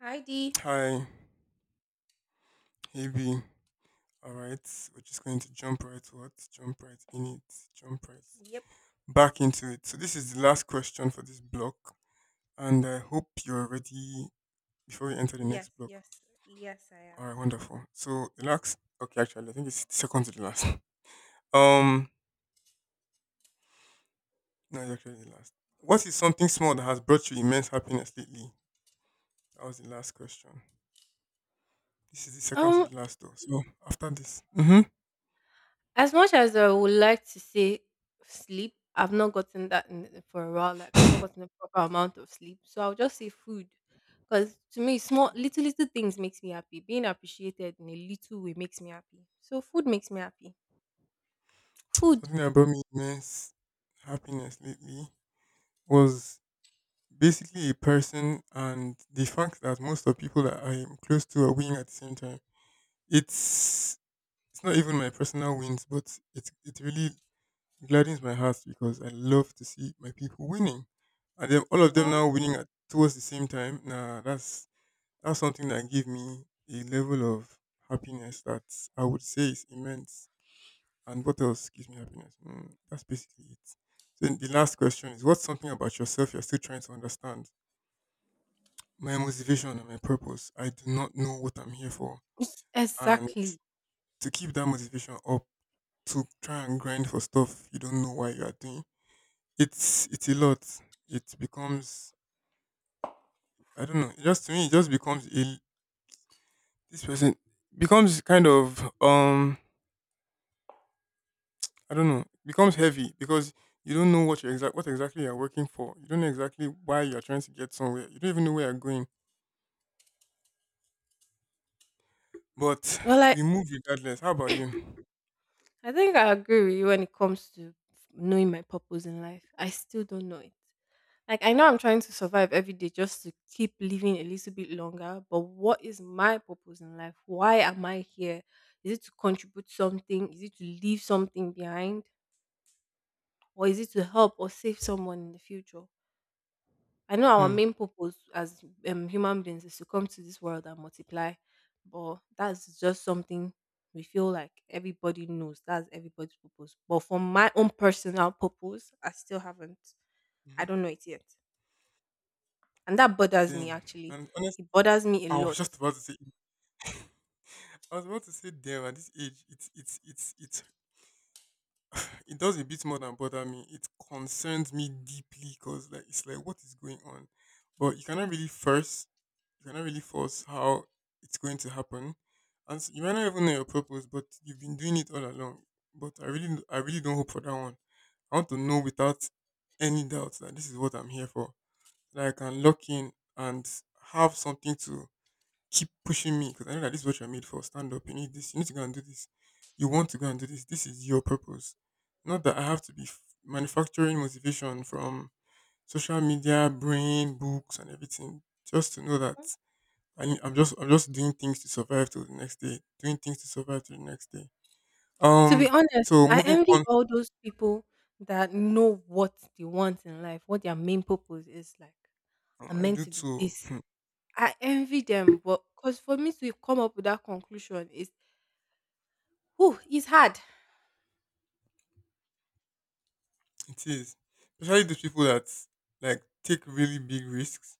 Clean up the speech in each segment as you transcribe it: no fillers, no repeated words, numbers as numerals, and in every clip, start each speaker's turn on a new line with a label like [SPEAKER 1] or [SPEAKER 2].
[SPEAKER 1] Heidi.
[SPEAKER 2] Hi, hey B. All right, we're just going to jump right what? Jump right in it. Jump right
[SPEAKER 1] Yep.
[SPEAKER 2] back into it. So this is the last question for this block, and I hope you're ready before we enter the
[SPEAKER 1] Yes,
[SPEAKER 2] next block.
[SPEAKER 1] yes, yes, I
[SPEAKER 2] All
[SPEAKER 1] am.
[SPEAKER 2] right, wonderful. So the last, okay, actually, I think it's second to the last. Um, no, it's actually the last. What is something small that has brought you immense happiness lately? That was the last question. This is the second to
[SPEAKER 1] Um,
[SPEAKER 2] the last, though. So after this,
[SPEAKER 1] as much as I would like to say sleep, I've not gotten that in, for a while. Like I've not gotten the proper amount of sleep, so I'll just say food, because to me, small little things makes me happy. Being appreciated in a little way makes me happy. So food makes me happy. Food.
[SPEAKER 2] something that brought me immense happiness lately was basically a person, and the fact that most of the people that I am close to are winning at the same time. It's it's not even my personal wins, but it really gladdens my heart because I love to see my people winning. And then all of them
[SPEAKER 1] Aw.
[SPEAKER 2] now winning at towards the same time. Nah, that's something that gave me a level of happiness that I would say is immense. And what else gives me happiness? That's basically it. So the last question is, what's something about yourself you're still trying to understand? My motivation and my purpose. I do not know what I'm here for. And
[SPEAKER 1] Exactly.
[SPEAKER 2] to keep that motivation up, to try and grind for stuff you don't know why you are doing, it's a lot. It becomes, I don't know. It just, to me, it just becomes a— this person becomes kind of I don't know, becomes heavy because you don't know what you exact what exactly you're working for. You don't know exactly why you're trying to get somewhere. You don't even know where you're going. But
[SPEAKER 1] Well, I
[SPEAKER 2] we move regardless. How about you?
[SPEAKER 1] I think I agree with you when it comes to knowing my purpose in life. I still don't know it. Like I know I'm trying to survive every day just to keep living a little bit longer, but what is my purpose in life? Why am I here? Is it to contribute something? Is it to leave something behind? Or is it to help or save someone in the future? I know our
[SPEAKER 2] Hmm.
[SPEAKER 1] main purpose as human beings is to come to this world and multiply, but that's just something we feel like everybody knows. That's everybody's purpose. But for my own personal purpose, I still haven't.
[SPEAKER 2] Mhm.
[SPEAKER 1] I don't know it yet. And that bothers me
[SPEAKER 2] Same.
[SPEAKER 1] actually.
[SPEAKER 2] And honestly,
[SPEAKER 1] It bothers me a
[SPEAKER 2] I was
[SPEAKER 1] lot.
[SPEAKER 2] just about to say, I was about to say, damn, at this age, it does a bit more than bother me. It concerns me deeply because, like, it's like, what is going on? But you cannot really force, you cannot really force how it's going to happen. And so you might not even know your purpose, but you've been doing it all along. But I really don't hope for that one. I want to know without any doubt that this is what I'm here for, that I can lock in and have something to keep pushing me, because I know that this is what you're made for. Stand up. You need this. You need to go and do this. You want to go and do this. This is your purpose. Not that I have to be manufacturing motivation from social media, brain, books, and everything. Just to know that I'm just, doing things to survive till the next day. Doing things to survive till the next day.
[SPEAKER 1] To be
[SPEAKER 2] Um.
[SPEAKER 1] honest,
[SPEAKER 2] So
[SPEAKER 1] I
[SPEAKER 2] moving
[SPEAKER 1] envy
[SPEAKER 2] on,
[SPEAKER 1] all those people that know what they want in life, what their main purpose is like. I'm
[SPEAKER 2] I
[SPEAKER 1] meant
[SPEAKER 2] do
[SPEAKER 1] to be
[SPEAKER 2] too.
[SPEAKER 1] this. I envy them, but because for me to come up with that conclusion is whew, it's hard.
[SPEAKER 2] It is, especially those people that like take really big risks.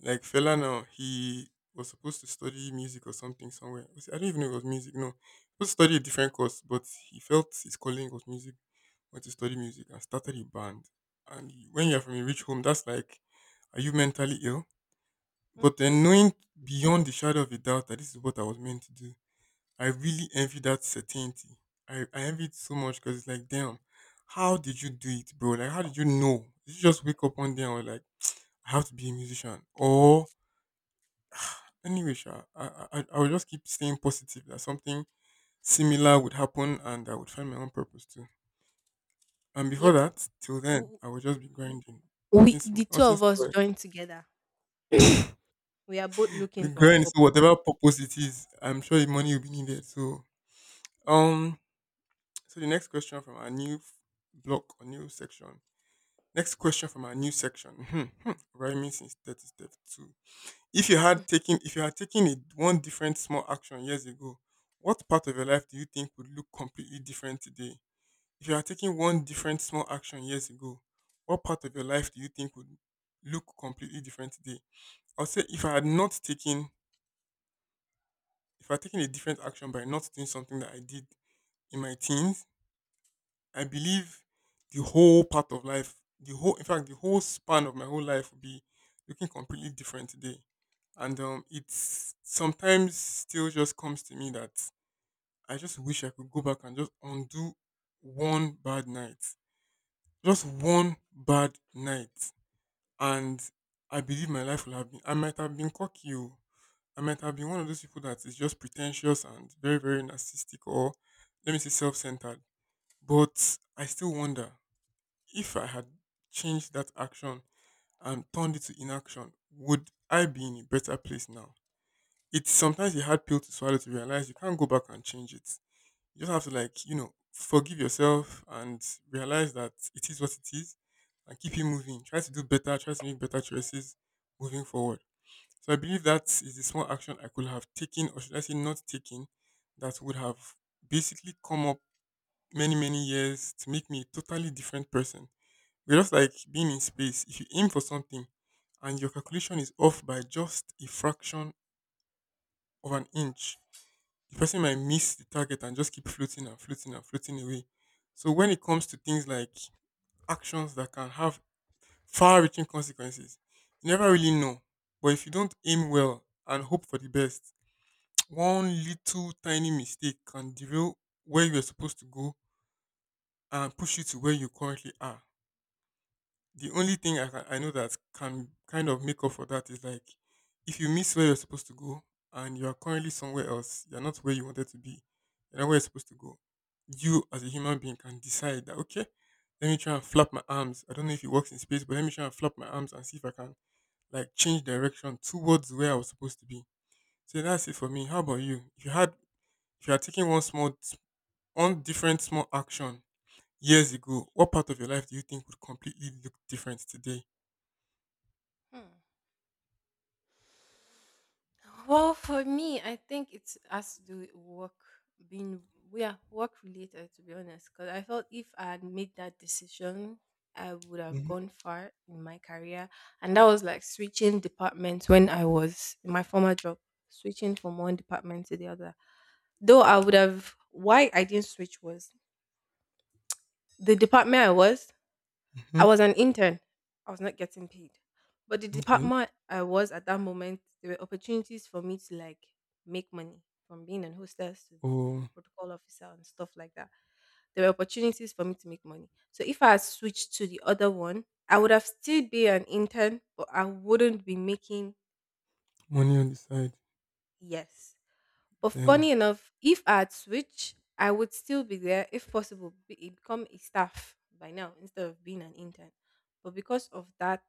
[SPEAKER 2] Like Fela now, he was supposed to study music or something somewhere. I don't even know if it was music. No, he was supposed to study a different course, but he felt his calling was music. Went to study music and started a band. And when you're from a rich home, that's like, are you mentally ill? But
[SPEAKER 1] Hmm.
[SPEAKER 2] then knowing beyond the shadow of a doubt that this is what I was meant to do, I really envy that certainty. I envy it so much because it's like, damn, how did you do it, bro? Like, how did you know? Did you just wake up one day and were like, I have to be a musician? Or— anyway, sha, I will just keep staying positive that something similar would happen and I would find my own purpose too. And before
[SPEAKER 1] Yep.
[SPEAKER 2] that, till then,
[SPEAKER 1] W-
[SPEAKER 2] I will just be grinding.
[SPEAKER 1] We,
[SPEAKER 2] Nothing,
[SPEAKER 1] the two
[SPEAKER 2] nothing
[SPEAKER 1] of us
[SPEAKER 2] spoiled.
[SPEAKER 1] joined together. We are both
[SPEAKER 2] We
[SPEAKER 1] looking for our
[SPEAKER 2] grind, so
[SPEAKER 1] purpose.
[SPEAKER 2] whatever purpose it is, I'm sure the money will be needed. So, um, so the next question from our new block or new section. Next question from our new section. Rhyming since 30 step two. If you had taken, a one different small action years ago, what part of your life do you think would look completely different today? If you had taken one different small action years ago, what part of your life do you think would look completely different today? I'll say if I had not taken, if I had taken a different action by not doing something that I did in my teens, I believe the whole part of life, the whole, in fact, the whole span of my whole life will be looking completely different today. And it's sometimes still just comes to me that I just wish I could go back and just undo one bad night, just one bad night, and I believe my life will have been— I might have been cocky. Oh. I might have been one of those people that is just pretentious and very, very narcissistic, or let me say self-centered. But I still wonder, if I had changed that action and turned it to inaction, would I be in a better place now? It's sometimes a hard pill to swallow to realize you can't go back and change it. You just have to, like, you know, forgive yourself and realize that it is what it is, and keep it moving. Try to do better, try to make better choices moving forward. So I believe that is the small action I could have taken, or should I say not taken, that would have basically come up many, many years to make me a totally different person. We just, like, being in space. If you aim for something and your calculation is off by just a fraction of an inch, the person might miss the target and just keep floating and floating and floating away. So when it comes to things like actions that can have far-reaching consequences, you never really know. But if you don't aim well and hope for the best, one little tiny mistake can derail where you are supposed to go and push you to where you currently are. The only thing I know that can kind of make up for that is, like, if you miss where you're supposed to go and you are currently somewhere else, you're not where you wanted to be, you're not where you're supposed to go. You as a human being can decide that, okay, let me try and flap my arms. I don't know if it works in space, but let me try and flap my arms and see if I can like change direction towards where I was supposed to be. So that's it for me. How about you? If you had taken one different small action years ago, what part of your life do you think would completely look different today?
[SPEAKER 1] Hmm. Well, for me, I think it's has to do with work being yeah, work related to be honest. Because I felt if I had made that decision, I would have gone far in my career. And that was like switching departments when I was in my former job, switching from one department to the other. Though I would have why I didn't switch was the department I was, I
[SPEAKER 2] Mhm.
[SPEAKER 1] was an intern. I was not getting paid. But the
[SPEAKER 2] Okay.
[SPEAKER 1] department I was at that moment, there were opportunities for me to like make money from being an hostess to a
[SPEAKER 2] Or
[SPEAKER 1] protocol officer and stuff like that. There were opportunities for me to make money. So if I had switched to the other one, I would have still be an intern, but I wouldn't be making.
[SPEAKER 2] money on the side.
[SPEAKER 1] Yes. But funny
[SPEAKER 2] Damn.
[SPEAKER 1] enough, if I had switched, I would still be there, if possible, be, eh, become a staff by now instead of being an intern. But because of that,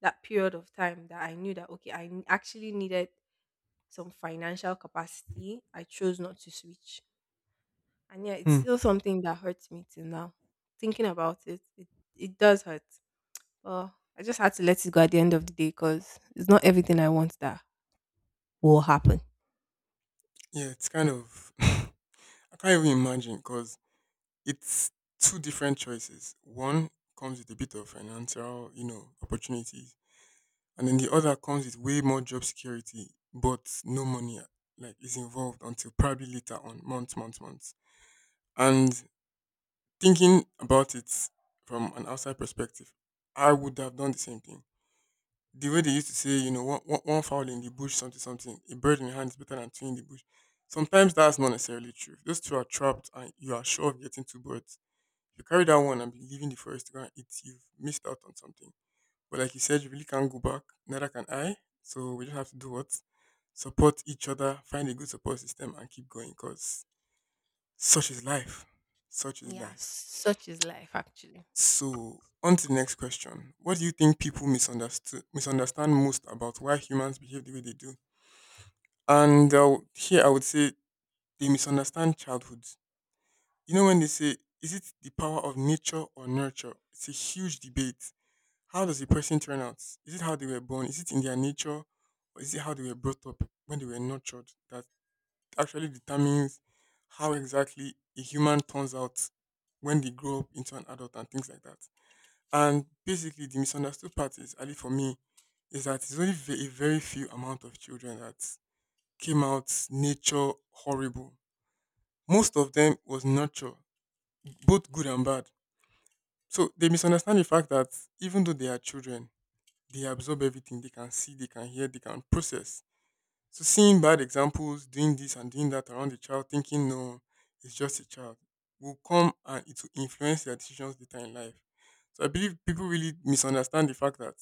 [SPEAKER 1] that period of time that I knew that okay, actually needed some financial capacity, I chose not to switch. And yeah, it's
[SPEAKER 2] Hmm.
[SPEAKER 1] still something that hurts me till now. Thinking about it, it, it does hurt. But I just had to let it go at the end of the day because it's not everything I want that will happen.
[SPEAKER 2] Yeah, it's kind of— I can't even imagine, because it's two different choices. One comes with a bit of financial, you know, opportunities, and then the other comes with way more job security, but no money, like is involved until probably later on, months, months, months. And thinking about it from an outside perspective, I would have done the same thing. The way they used to say, you know, one fowl in the bush, something, something, a bird in your hand is better than two in the bush. Sometimes that's not necessarily true. If those two are trapped and you are sure of getting two birds, if you carry that one and be leaving the forest to go and eat, you've missed out on something. But like you said, you really can't go back, neither can I. So we just have to do what? Support each other, find a good support system, and keep going, because such is life. Such is
[SPEAKER 1] Yeah,
[SPEAKER 2] life.
[SPEAKER 1] such is life actually.
[SPEAKER 2] So, on to the next question. What do you think people misunderstand most about why humans behave the way they do? And here I would say they misunderstand childhood. You know, when they say, is it the power of nature or nurture? It's a huge debate. How does a person turn out? Is it how they were born? Is it in their nature? Or is it how they were brought up, when they were nurtured, that actually determines how exactly a human turns out when they grow up into an adult and things like that? And basically, the misunderstood part is, at least for me, is that it's only a very few amount of children that came out nature horrible. Most of them was nurture, both good and bad. So they misunderstand the fact that even though they are children, they absorb everything. They can see, they can hear, they can process. So seeing bad examples, doing this and doing that around the child, thinking no, it's just a child, will come and it will influence their decisions later in life. So I believe people really misunderstand the fact that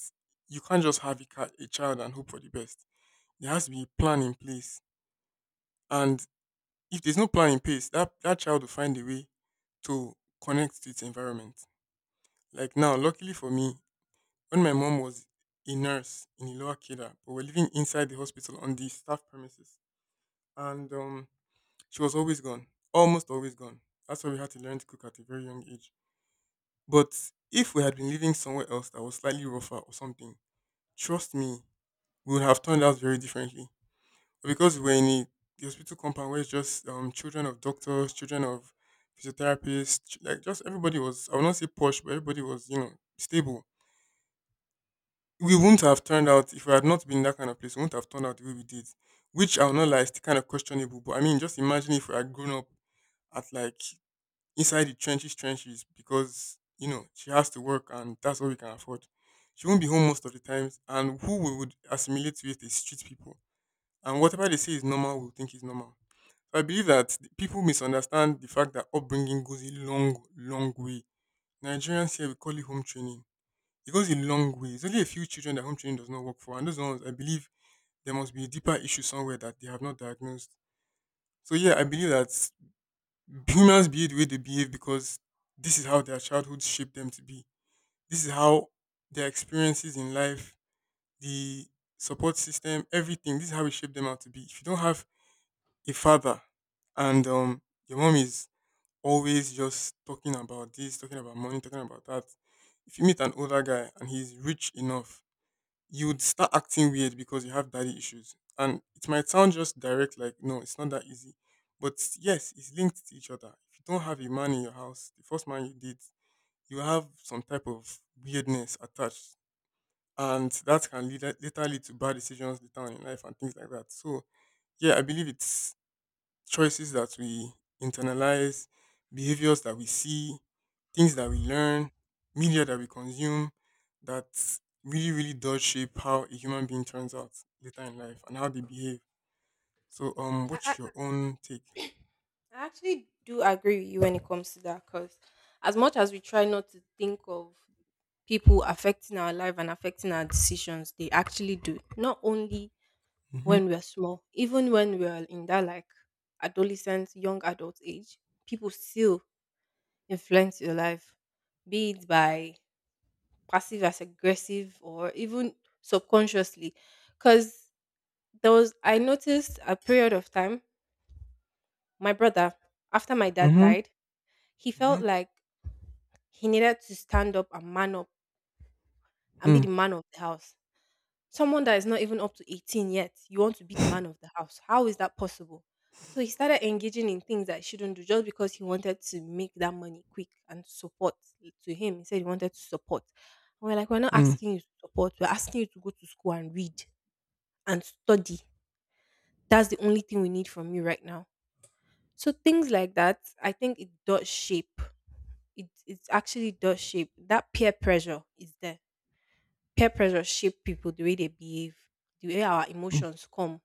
[SPEAKER 2] you can't just have a child and hope for the best. There has to be a plan in place. And if there's no plan in place, that child will find a way to connect to its environment. Like now, luckily for me, when my mom was a nurse in Iloa Keda, but we're living inside the hospital on the staff premises, and she was always gone, almost always gone. That's why we had to learn to cook at a very young age. But if we had been living somewhere else that was slightly rougher or something, trust me, we would have turned out very differently, because we were in the hospital compound where it's just children of doctors, children of physiotherapists, like just everybody was, I will not say posh, but everybody was, you know, stable. We wouldn't have turned out, if we had not been in that kind of place, we wouldn't have turned out the way we did, which I will not lie, is still kind of questionable. But I mean, just imagine if we had grown up at like inside the trenches, trenches, because, you know, she has to work and that's all we can afford. She won't be home most of the times, and who we would assimilate with is street people. And whatever they say is normal, we would think is normal. I believe that people misunderstand the fact that upbringing goes a long, long way. Nigerians here, we call it home training. It goes a long way. It's only a few children that home training does not work for. And those ones, I believe there must be a deeper issue somewhere that they have not diagnosed. So, yeah, I believe that humans behave the way they behave because this is how their childhood shaped them to be. This is how their experiences in life, the support system, everything, this is how it shaped them out to be. If you don't have a father and your mom is always just talking about this, talking about money, talking about that. If you meet an older guy and he's rich enough, you would start acting weird because you have daddy issues. And it might sound just direct, like, no, it's not that easy. But yes, it's linked to each other. If you don't have a man in your house, the first man you date, you have some type of weirdness attached. And that can lead, later lead to bad decisions later on in life and things like that. So, yeah, I believe it's choices that we internalize, behaviors that we see, things that we learn, media that we consume that really, really does shape how a human being turns out later in life and how they behave. So,
[SPEAKER 1] I,
[SPEAKER 2] what's
[SPEAKER 1] I
[SPEAKER 2] your own take?
[SPEAKER 1] I actually do agree with you when it comes to that because as much as we try not to think of people affecting our life and affecting our decisions, they actually do. Not only
[SPEAKER 2] Mm-hmm.
[SPEAKER 1] when we're small, even when we're in that like adolescent, young adult age, people still influence your life, be it by passive as aggressive or even subconsciously. Because there was, I noticed a period of time. My brother, after my dad
[SPEAKER 2] Mm-hmm.
[SPEAKER 1] died, he
[SPEAKER 2] Mm-hmm.
[SPEAKER 1] felt like he needed to stand up and man up and be
[SPEAKER 2] Mm.
[SPEAKER 1] the man of the house. Someone that is not even up to 18 yet, you want to be the man of the house. How is that possible? So he started engaging in things that he shouldn't do just because he wanted to make that money quick and support to him. He said he wanted to support. And we're like, we're not
[SPEAKER 2] Mm.
[SPEAKER 1] asking you to support. We're asking you to go to school and read and study. That's the only thing we need from you right now. So things like that, I think it does shape, it actually does shape, that peer pressure is there. Peer pressure shape people the way they behave, the way our
[SPEAKER 2] Mm.
[SPEAKER 1] emotions come.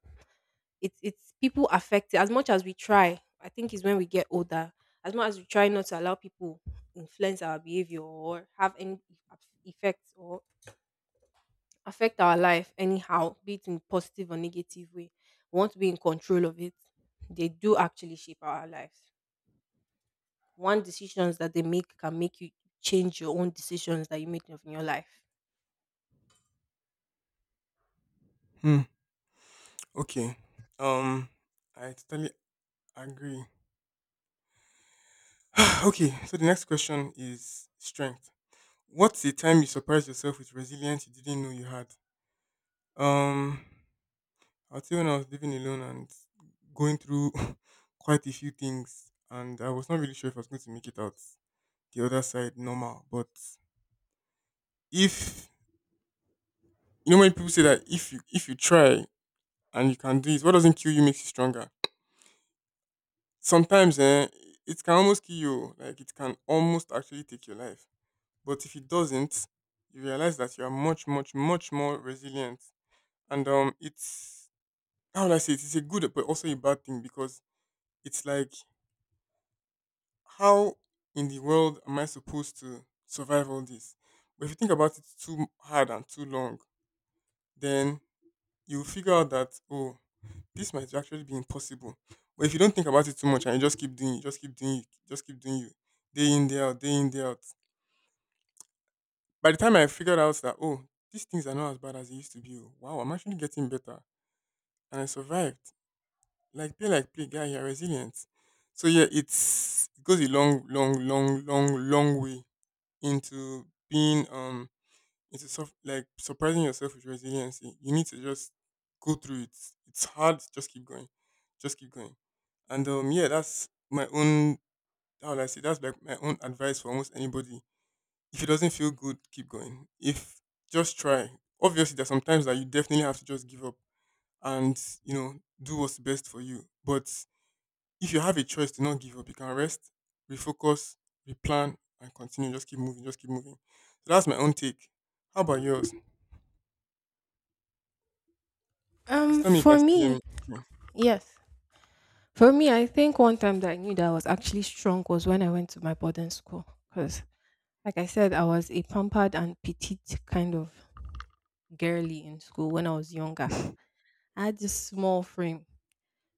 [SPEAKER 1] It's people affected as much as we try. I think is when we get older. As much as we try not to allow people influence our behavior or have any effects or affect our life anyhow, be it in positive or negative way, we want to be in control of it. They do actually shape our lives. One decisions that they make can make you change your own decisions that you make of in your life.
[SPEAKER 2] Mm. Okay. Um, I totally agree. Okay, so the next question is strength. What's the time you surprised yourself with resilience you didn't know you had? Um, I'd say when I was living alone and going through quite a few things, and I was not really sure if I was going to make it out the other side normal. But if you know when people say that if you try and you can do it, what doesn't kill you makes you stronger. Sometimes it can almost kill you, like it can almost actually take your life. But if it doesn't, you realize that you are much more resilient, and it's how would I say it? It's a good but also a bad thing because it's like how in the world am I supposed to survive all this? But if you think about it too hard and too long, then you'll figure out that, oh, this might actually be impossible. But if you don't think about it too much and you just keep doing it, just keep doing it, just keep doing you, day in, day out, day in, day out. By the time I figured out that, oh, these things are not as bad as they used to be, oh, wow, I'm actually getting better. And I survived. Like play, guy, you're resilient. So yeah, it's, it goes a long way into being into suff like surprising yourself with resiliency. You need to just go through it. It's hard. Just keep going. Just keep going. And yeah, that's my own, how would I say, that's like my own advice for almost anybody. If it doesn't feel good, keep going. If just try. Obviously, there's sometimes that you definitely have to just give up and you know do what's best for you. But if you have a choice to not give up, you can rest, refocus, replan, and continue. Just keep moving, just keep moving. So that's my own take. How about yours? Please tell me you can
[SPEAKER 1] For
[SPEAKER 2] still hear
[SPEAKER 1] me,
[SPEAKER 2] me. Okay.
[SPEAKER 1] yes. For me, I think one time that I knew that I was actually strong was when I went to my boarding school. Because, like I said, I was a pampered and petite kind of girly in school when I was younger. I had this small frame.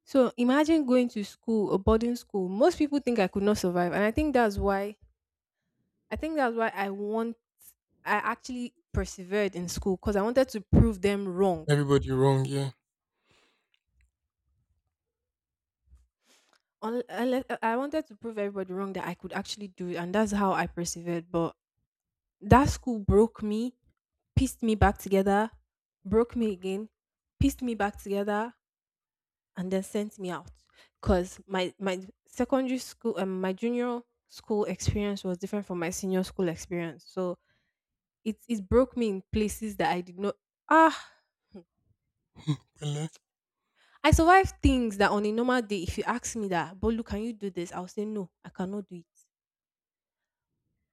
[SPEAKER 1] So imagine going to school, a boarding school. Most people think I could not survive. And I think that's why, I think that's why I want, I actually persevered in school because I wanted to prove them wrong,
[SPEAKER 2] Everybody wrong, yeah.
[SPEAKER 1] un- unless I wanted to prove everybody wrong that I could actually do it, and that's how I persevered. But that school broke me, pieced me back together, broke me again, pieced me back together, and then sent me out. Cause my secondary school my junior school experience was different from my senior school experience. So it broke me in places that I did not, ah.
[SPEAKER 2] Pele.
[SPEAKER 1] I survived things that on a normal day, if you ask me that, Bolu, can you do this? I'll say no, I cannot do it.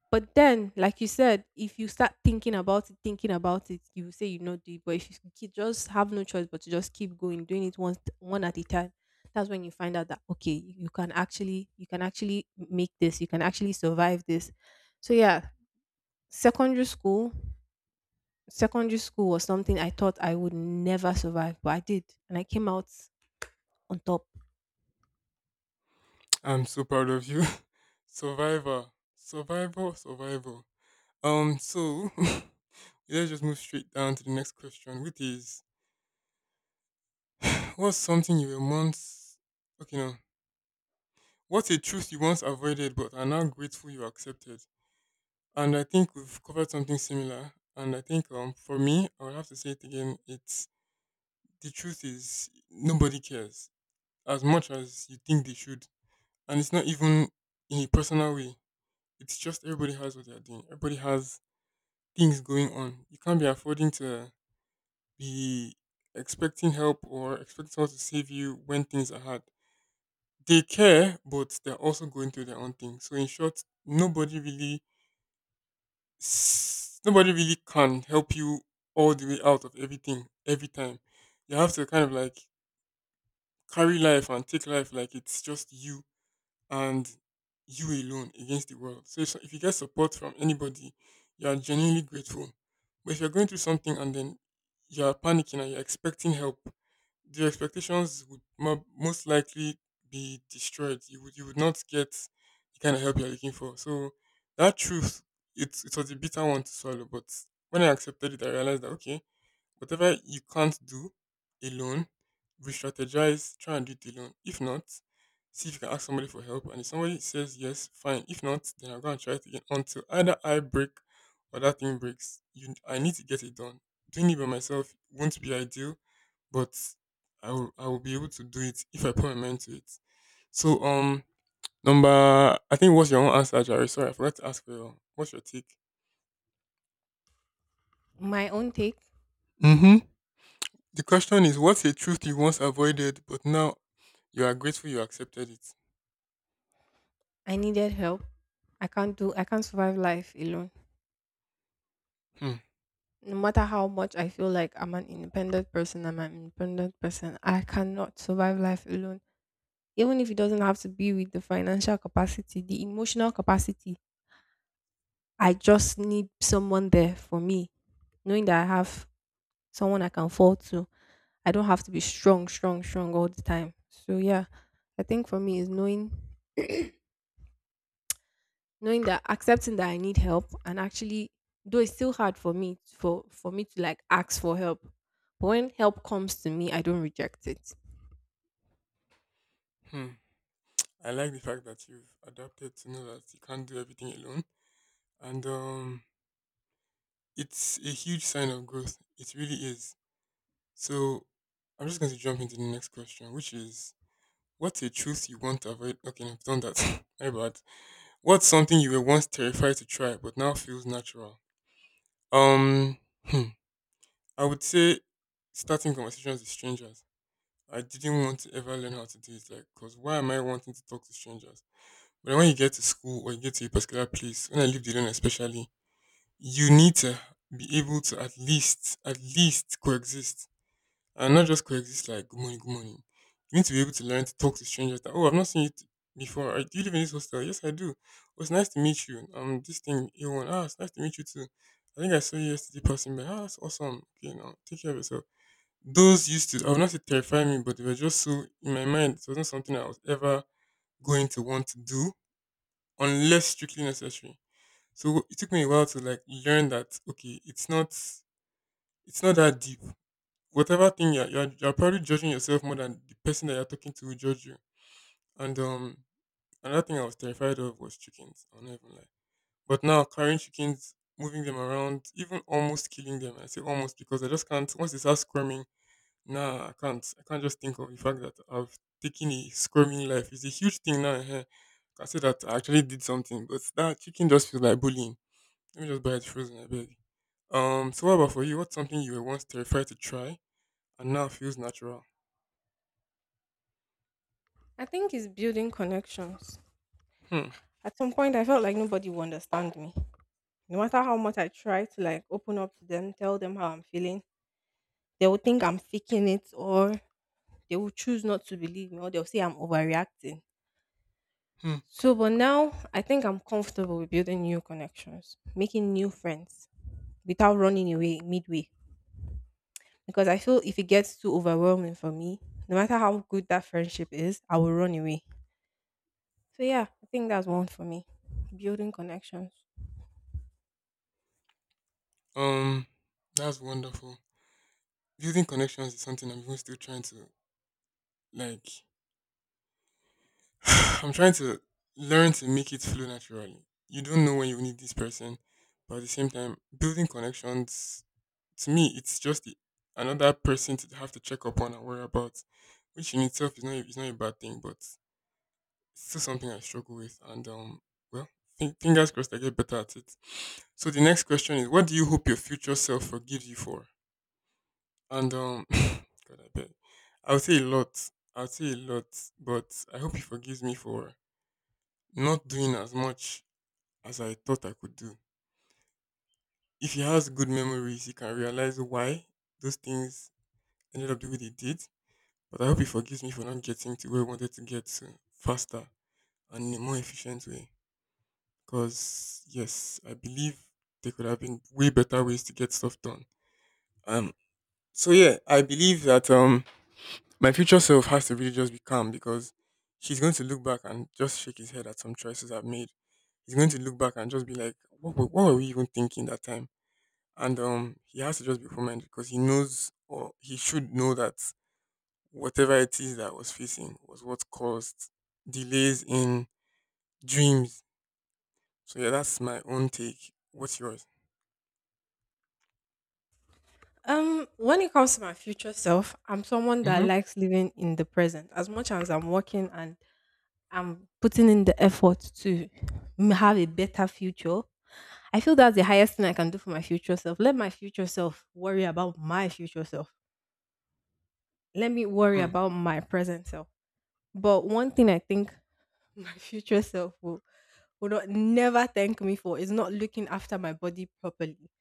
[SPEAKER 1] But then, like you said, if you start thinking about it, you say you not do it. But if you keep- just have no choice but to just keep going, doing it one at a time, that's when you find out that okay, you can actually, you can actually make this, you can actually survive this. So yeah, secondary school, secondary school was something I thought I would never survive, but I did, and I came out on top.
[SPEAKER 2] I'm so proud of you. Survivor. Survivor, survival. So let's just move straight down to the next question, which is what's something you were once okay no. What's a truth you once avoided but are now grateful you accepted? And I think we've covered something similar. And I think for me, I will have to say it again. It's the truth is nobody cares as much as you think they should, and it's not even in a personal way. It's just everybody has what they're doing. Everybody has things going on. You can't be affording to be expecting help or expecting someone to save you when things are hard. They care, but they're also going through their own thing. So in short, nobody really can help you all the way out of everything every time. You have to kind of like carry life and take life like it's just you and you alone against the world. So if you get support from anybody, you are genuinely grateful. But if you're going through something and then you're panicking and you're expecting help, the expectations would most likely be destroyed. You would not get the kind of help you're looking for. So that truth, it was a bitter one to swallow. But when I accepted it, I realized that okay, whatever you can't do alone, re-strategize, try and do it alone. If not, see if you can ask somebody for help. And if somebody says yes, fine. If not, then I am going to try it again until either I break or that thing breaks. You, I need to get it done. Doing it by myself won't be ideal but I will be able to do it if I put my mind to it. So number I think what's your own answer, Jerry? Sorry, I forgot to ask for your, what's your take?
[SPEAKER 1] My own take,
[SPEAKER 2] Mm-hmm. The question is what's a truth you once avoided but now you are grateful you accepted it?
[SPEAKER 1] I needed help. I can't survive life alone.
[SPEAKER 2] Hmm.
[SPEAKER 1] No matter how much I feel like I'm an independent person, I cannot survive life alone. Even if it doesn't have to be with the financial capacity, the emotional capacity, I just need someone there for me, knowing that I have someone I can fall to. I don't have to be strong all the time. So, yeah, I think for me is knowing that, accepting that I need help, and actually though it's still hard for me for me to like ask for help. But when help comes to me, I don't reject it.
[SPEAKER 2] Hmm. I like the fact that you've adapted to know that you can't do everything alone. And it's a huge sign of growth. It really is. So I'm just going to jump into the next question, which is what's a truth you want to avoid? Okay, no, I've done that. My bad. What's something you were once terrified to try but now feels natural? Um, hmm, I would say starting conversations with strangers. I didn't want to ever learn how to do it, like, cause why am I wanting to talk to strangers? But then when you get to school or you get to a particular place, when I lived alone especially, you need to be able to at least coexist and not just coexist like good morning, good morning. You need to be able to learn to talk to strangers that oh I've not seen you t- before. I, do you live in this hostel? Yes I do. Oh, it's nice to meet you. This thing A1. Ah, it's nice to meet you too. I think I saw you yesterday passing by. Ah, that's awesome. Okay now take care of yourself. Those used to, I would not say terrify me, but they were just so in my mind it wasn't something I was ever going to want to do unless strictly necessary. So it took me a while to like learn that okay, it's not, it's not that deep, whatever thing you're probably judging yourself more than the person that you're talking to will judge you. And another thing I was terrified of was chickens. I'll not even lie. But now carrying chickens, moving them around, even almost killing them. I say almost because I just can't. Once they start squirming, nah, I can't. I can't just think of the fact that I've taken a squirming life. It's a huge thing now. Eh. I can say that I actually did something, but that chicken just feels like bullying. Let me just buy it frozen, I beg. So what about for you? What's something you were once terrified to try and now feels natural?
[SPEAKER 1] I think it's building connections.
[SPEAKER 2] Hmm.
[SPEAKER 1] At some point, I felt like nobody would understand me. No matter how much I try to like open up to them, tell them how I'm feeling, they will think I'm faking it, or they will choose not to believe me, or they'll say I'm overreacting.
[SPEAKER 2] Hmm.
[SPEAKER 1] So, but now I think I'm comfortable with building new connections, making new friends without running away midway. Because I feel if it gets too overwhelming for me, no matter how good that friendship is, I will run away. So yeah, I think that's one for me. Building connections.
[SPEAKER 2] Um, that's wonderful. Building connections is something I'm even still trying to like. I'm trying to learn to make it flow naturally. You don't know when you need this person, but at the same time, building connections to me, it's just the, another person to have to check up on and worry about, which in itself is not a bad thing, but it's still something I struggle with. Well, fingers crossed, I get better at it. So the next question is, what do you hope your future self forgives you for? And God, I beg, I would say a lot. I would say a lot, but I hope he forgives me for not doing as much as I thought I could do. If he has good memories, he can realize why those things ended up the way they did. But I hope he forgives me for not getting to where I wanted to get to faster and in a more efficient way. Because, yes, I believe there could have been way better ways to get stuff done. Um, yeah, I believe that my future self has to really just be calm because he's going to look back and just shake his head at some choices I've made. He's going to look back and just be like, what, what were we even thinking that time? And he has to just be open because he knows or he should know that whatever it is that I was facing was what caused delays in dreams. So yeah, that's my own take. What's yours?
[SPEAKER 1] When it comes to my future self, I'm someone that
[SPEAKER 2] Mm-hmm.
[SPEAKER 1] likes living in the present. As much as I'm working and I'm putting in the effort to have a better future, I feel that's the highest thing I can do for my future self. Let my future self worry about my future self. Let me worry about my present self. But one thing I think my future self will would not never thank me for is not looking after my body properly.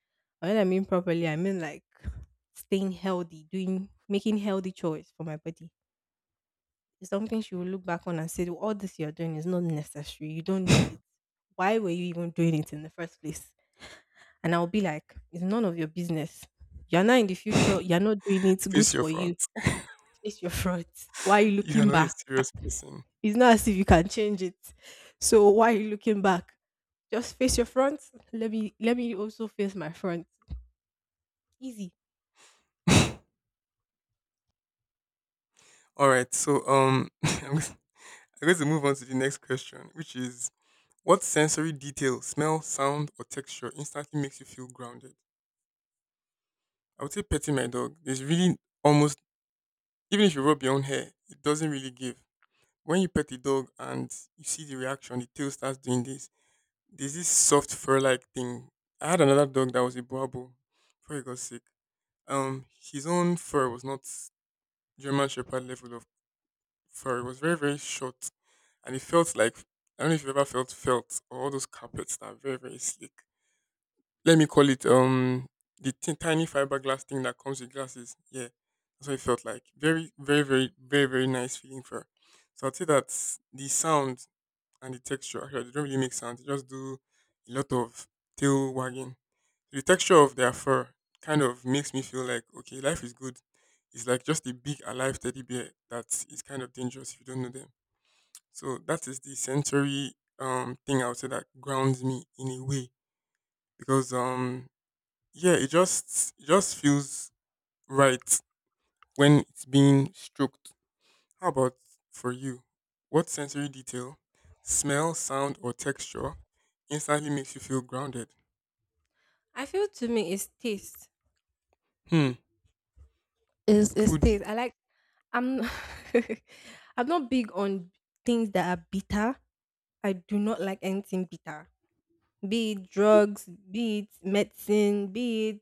[SPEAKER 1] And when I mean properly, I mean like staying healthy, doing making healthy choice for my body. It's something she will look back on and say, well, all this you're doing is not necessary. You don't need it. Why were you even doing it in the first place? And I'll be like, it's none of your business. You're not in the future. You're not doing it. Good
[SPEAKER 2] Face your
[SPEAKER 1] for
[SPEAKER 2] front.
[SPEAKER 1] you. Face your frauds. Why are you
[SPEAKER 2] You are
[SPEAKER 1] looking
[SPEAKER 2] not a
[SPEAKER 1] back?
[SPEAKER 2] serious person.
[SPEAKER 1] It's not as if you can change it. So why are you looking back? Just face your front. Let me also face my front. Easy.
[SPEAKER 2] All right, I'm going to move on to the next question, which is what sensory detail, smell, sound, or texture instantly makes you feel grounded? I would say petting my dog. There's really almost, even if you rub your own hair, it doesn't really give. When you pet the dog and you see the reaction, the tail starts doing this. There's this soft fur like thing. I had another dog that was a boabo before he got sick. Um, his own fur was not German Shepherd level of fur. It was very, very short and it felt like I don't know if you've ever felt or all those carpets that are very very slick. Let me call it the thin tiny fiberglass thing that comes with glasses. Yeah, that's what it felt like. Very very very very very nice feeling for. So I'd say that the sound and the texture actually they don't really make sound. They just do a lot of tail wagging. The texture of their fur kind of makes me feel like okay, life is good. It's like just a big alive teddy bear that is kind of dangerous if you don't know them. So that is the sensory thing I would say that grounds me in a way because yeah it just feels right when it's being stroked. How about for you? What sensory detail, smell, sound, or texture instantly makes you feel grounded?
[SPEAKER 1] I feel to me it's taste.
[SPEAKER 2] Hmm.
[SPEAKER 1] It's
[SPEAKER 2] Foodie.
[SPEAKER 1] taste. I like, I'm, I'm not big on things that are bitter. I do not like anything bitter. Be it drugs, be it medicine, be it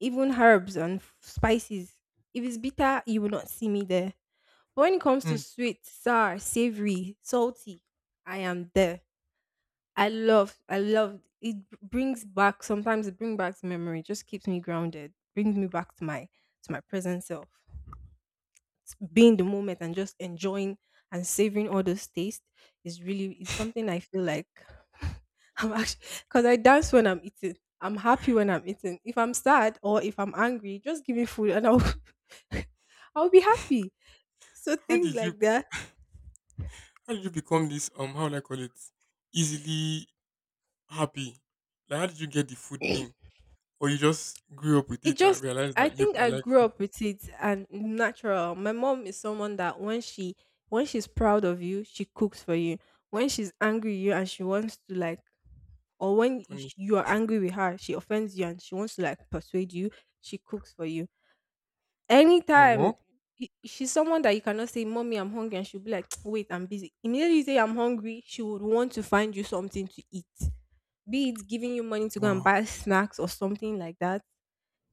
[SPEAKER 1] even herbs and spices. If it's bitter, you will not see me there. But when it comes to
[SPEAKER 2] Hmm.
[SPEAKER 1] sweet, sour, savory, salty, I am there. I love. It brings back, sometimes it brings back memory. Just keeps me grounded. Brings me back to my, to my present self. Being in the moment and just enjoying and savoring all those tastes is really is something I feel like. I'm actually, because I dance when I'm eating. I'm happy when I'm eating. If I'm sad or if I'm angry, just give me food and I'll, I'll be happy. So
[SPEAKER 2] How
[SPEAKER 1] things
[SPEAKER 2] did you
[SPEAKER 1] like that.
[SPEAKER 2] how did you become this how would I call it easily happy? Like how did you get the food thing? Or you just grew up with
[SPEAKER 1] It
[SPEAKER 2] it and
[SPEAKER 1] just,
[SPEAKER 2] realized
[SPEAKER 1] I
[SPEAKER 2] that yep
[SPEAKER 1] think
[SPEAKER 2] I
[SPEAKER 1] I
[SPEAKER 2] like
[SPEAKER 1] grew
[SPEAKER 2] food.
[SPEAKER 1] up with it and natural. My mom is someone that when she's proud of you, she cooks for you. When she's angry with you and she wants to like, or when you are angry with her, she offends you and she wants to like persuade you, she cooks for you. Anytime
[SPEAKER 2] Oh,
[SPEAKER 1] she's someone that you cannot say, Mommy, I'm hungry, and she'll be like, wait, I'm busy. Immediately you say, I'm hungry, she would want to find you something to eat, be it giving you money to go and
[SPEAKER 2] wow.
[SPEAKER 1] buy snacks or something like that.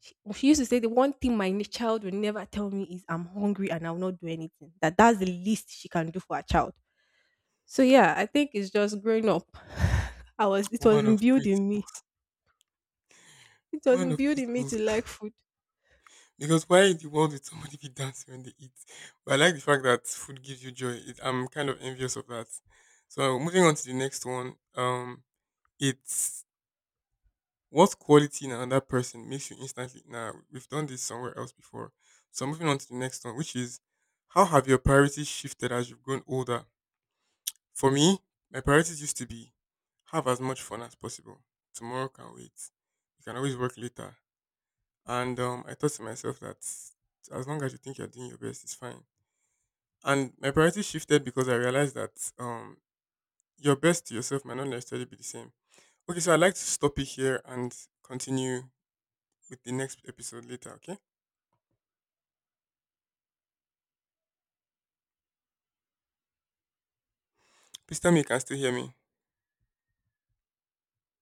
[SPEAKER 1] She used to say the one thing my child will never tell me is I'm hungry and I will not do anything. That, that's the least she can do for her child. So yeah, I think it's just growing up. I was, it was
[SPEAKER 2] Woman of
[SPEAKER 1] imbued in me.
[SPEAKER 2] principles.
[SPEAKER 1] It was
[SPEAKER 2] Woman of
[SPEAKER 1] imbued in me
[SPEAKER 2] principles.
[SPEAKER 1] to like food.
[SPEAKER 2] Because why in the world would somebody be dancing when they eat? But I like the fact that food gives you joy. It, I'm kind of envious of that. So moving on to the next one. It's what quality in another person makes you instantly. Now we've done this somewhere else before. So moving on to the next one, which is how have your priorities shifted as you've grown older? For me, my priorities used to be have as much fun as possible. Tomorrow can wait. You can always work later. And I thought to myself that as long as you think you're doing your best, it's fine. And my priorities shifted because I realized that your best to yourself might not necessarily be the same. Okay, so I'd like to stop it here and continue with the next episode later, okay? Please tell me you can still hear me.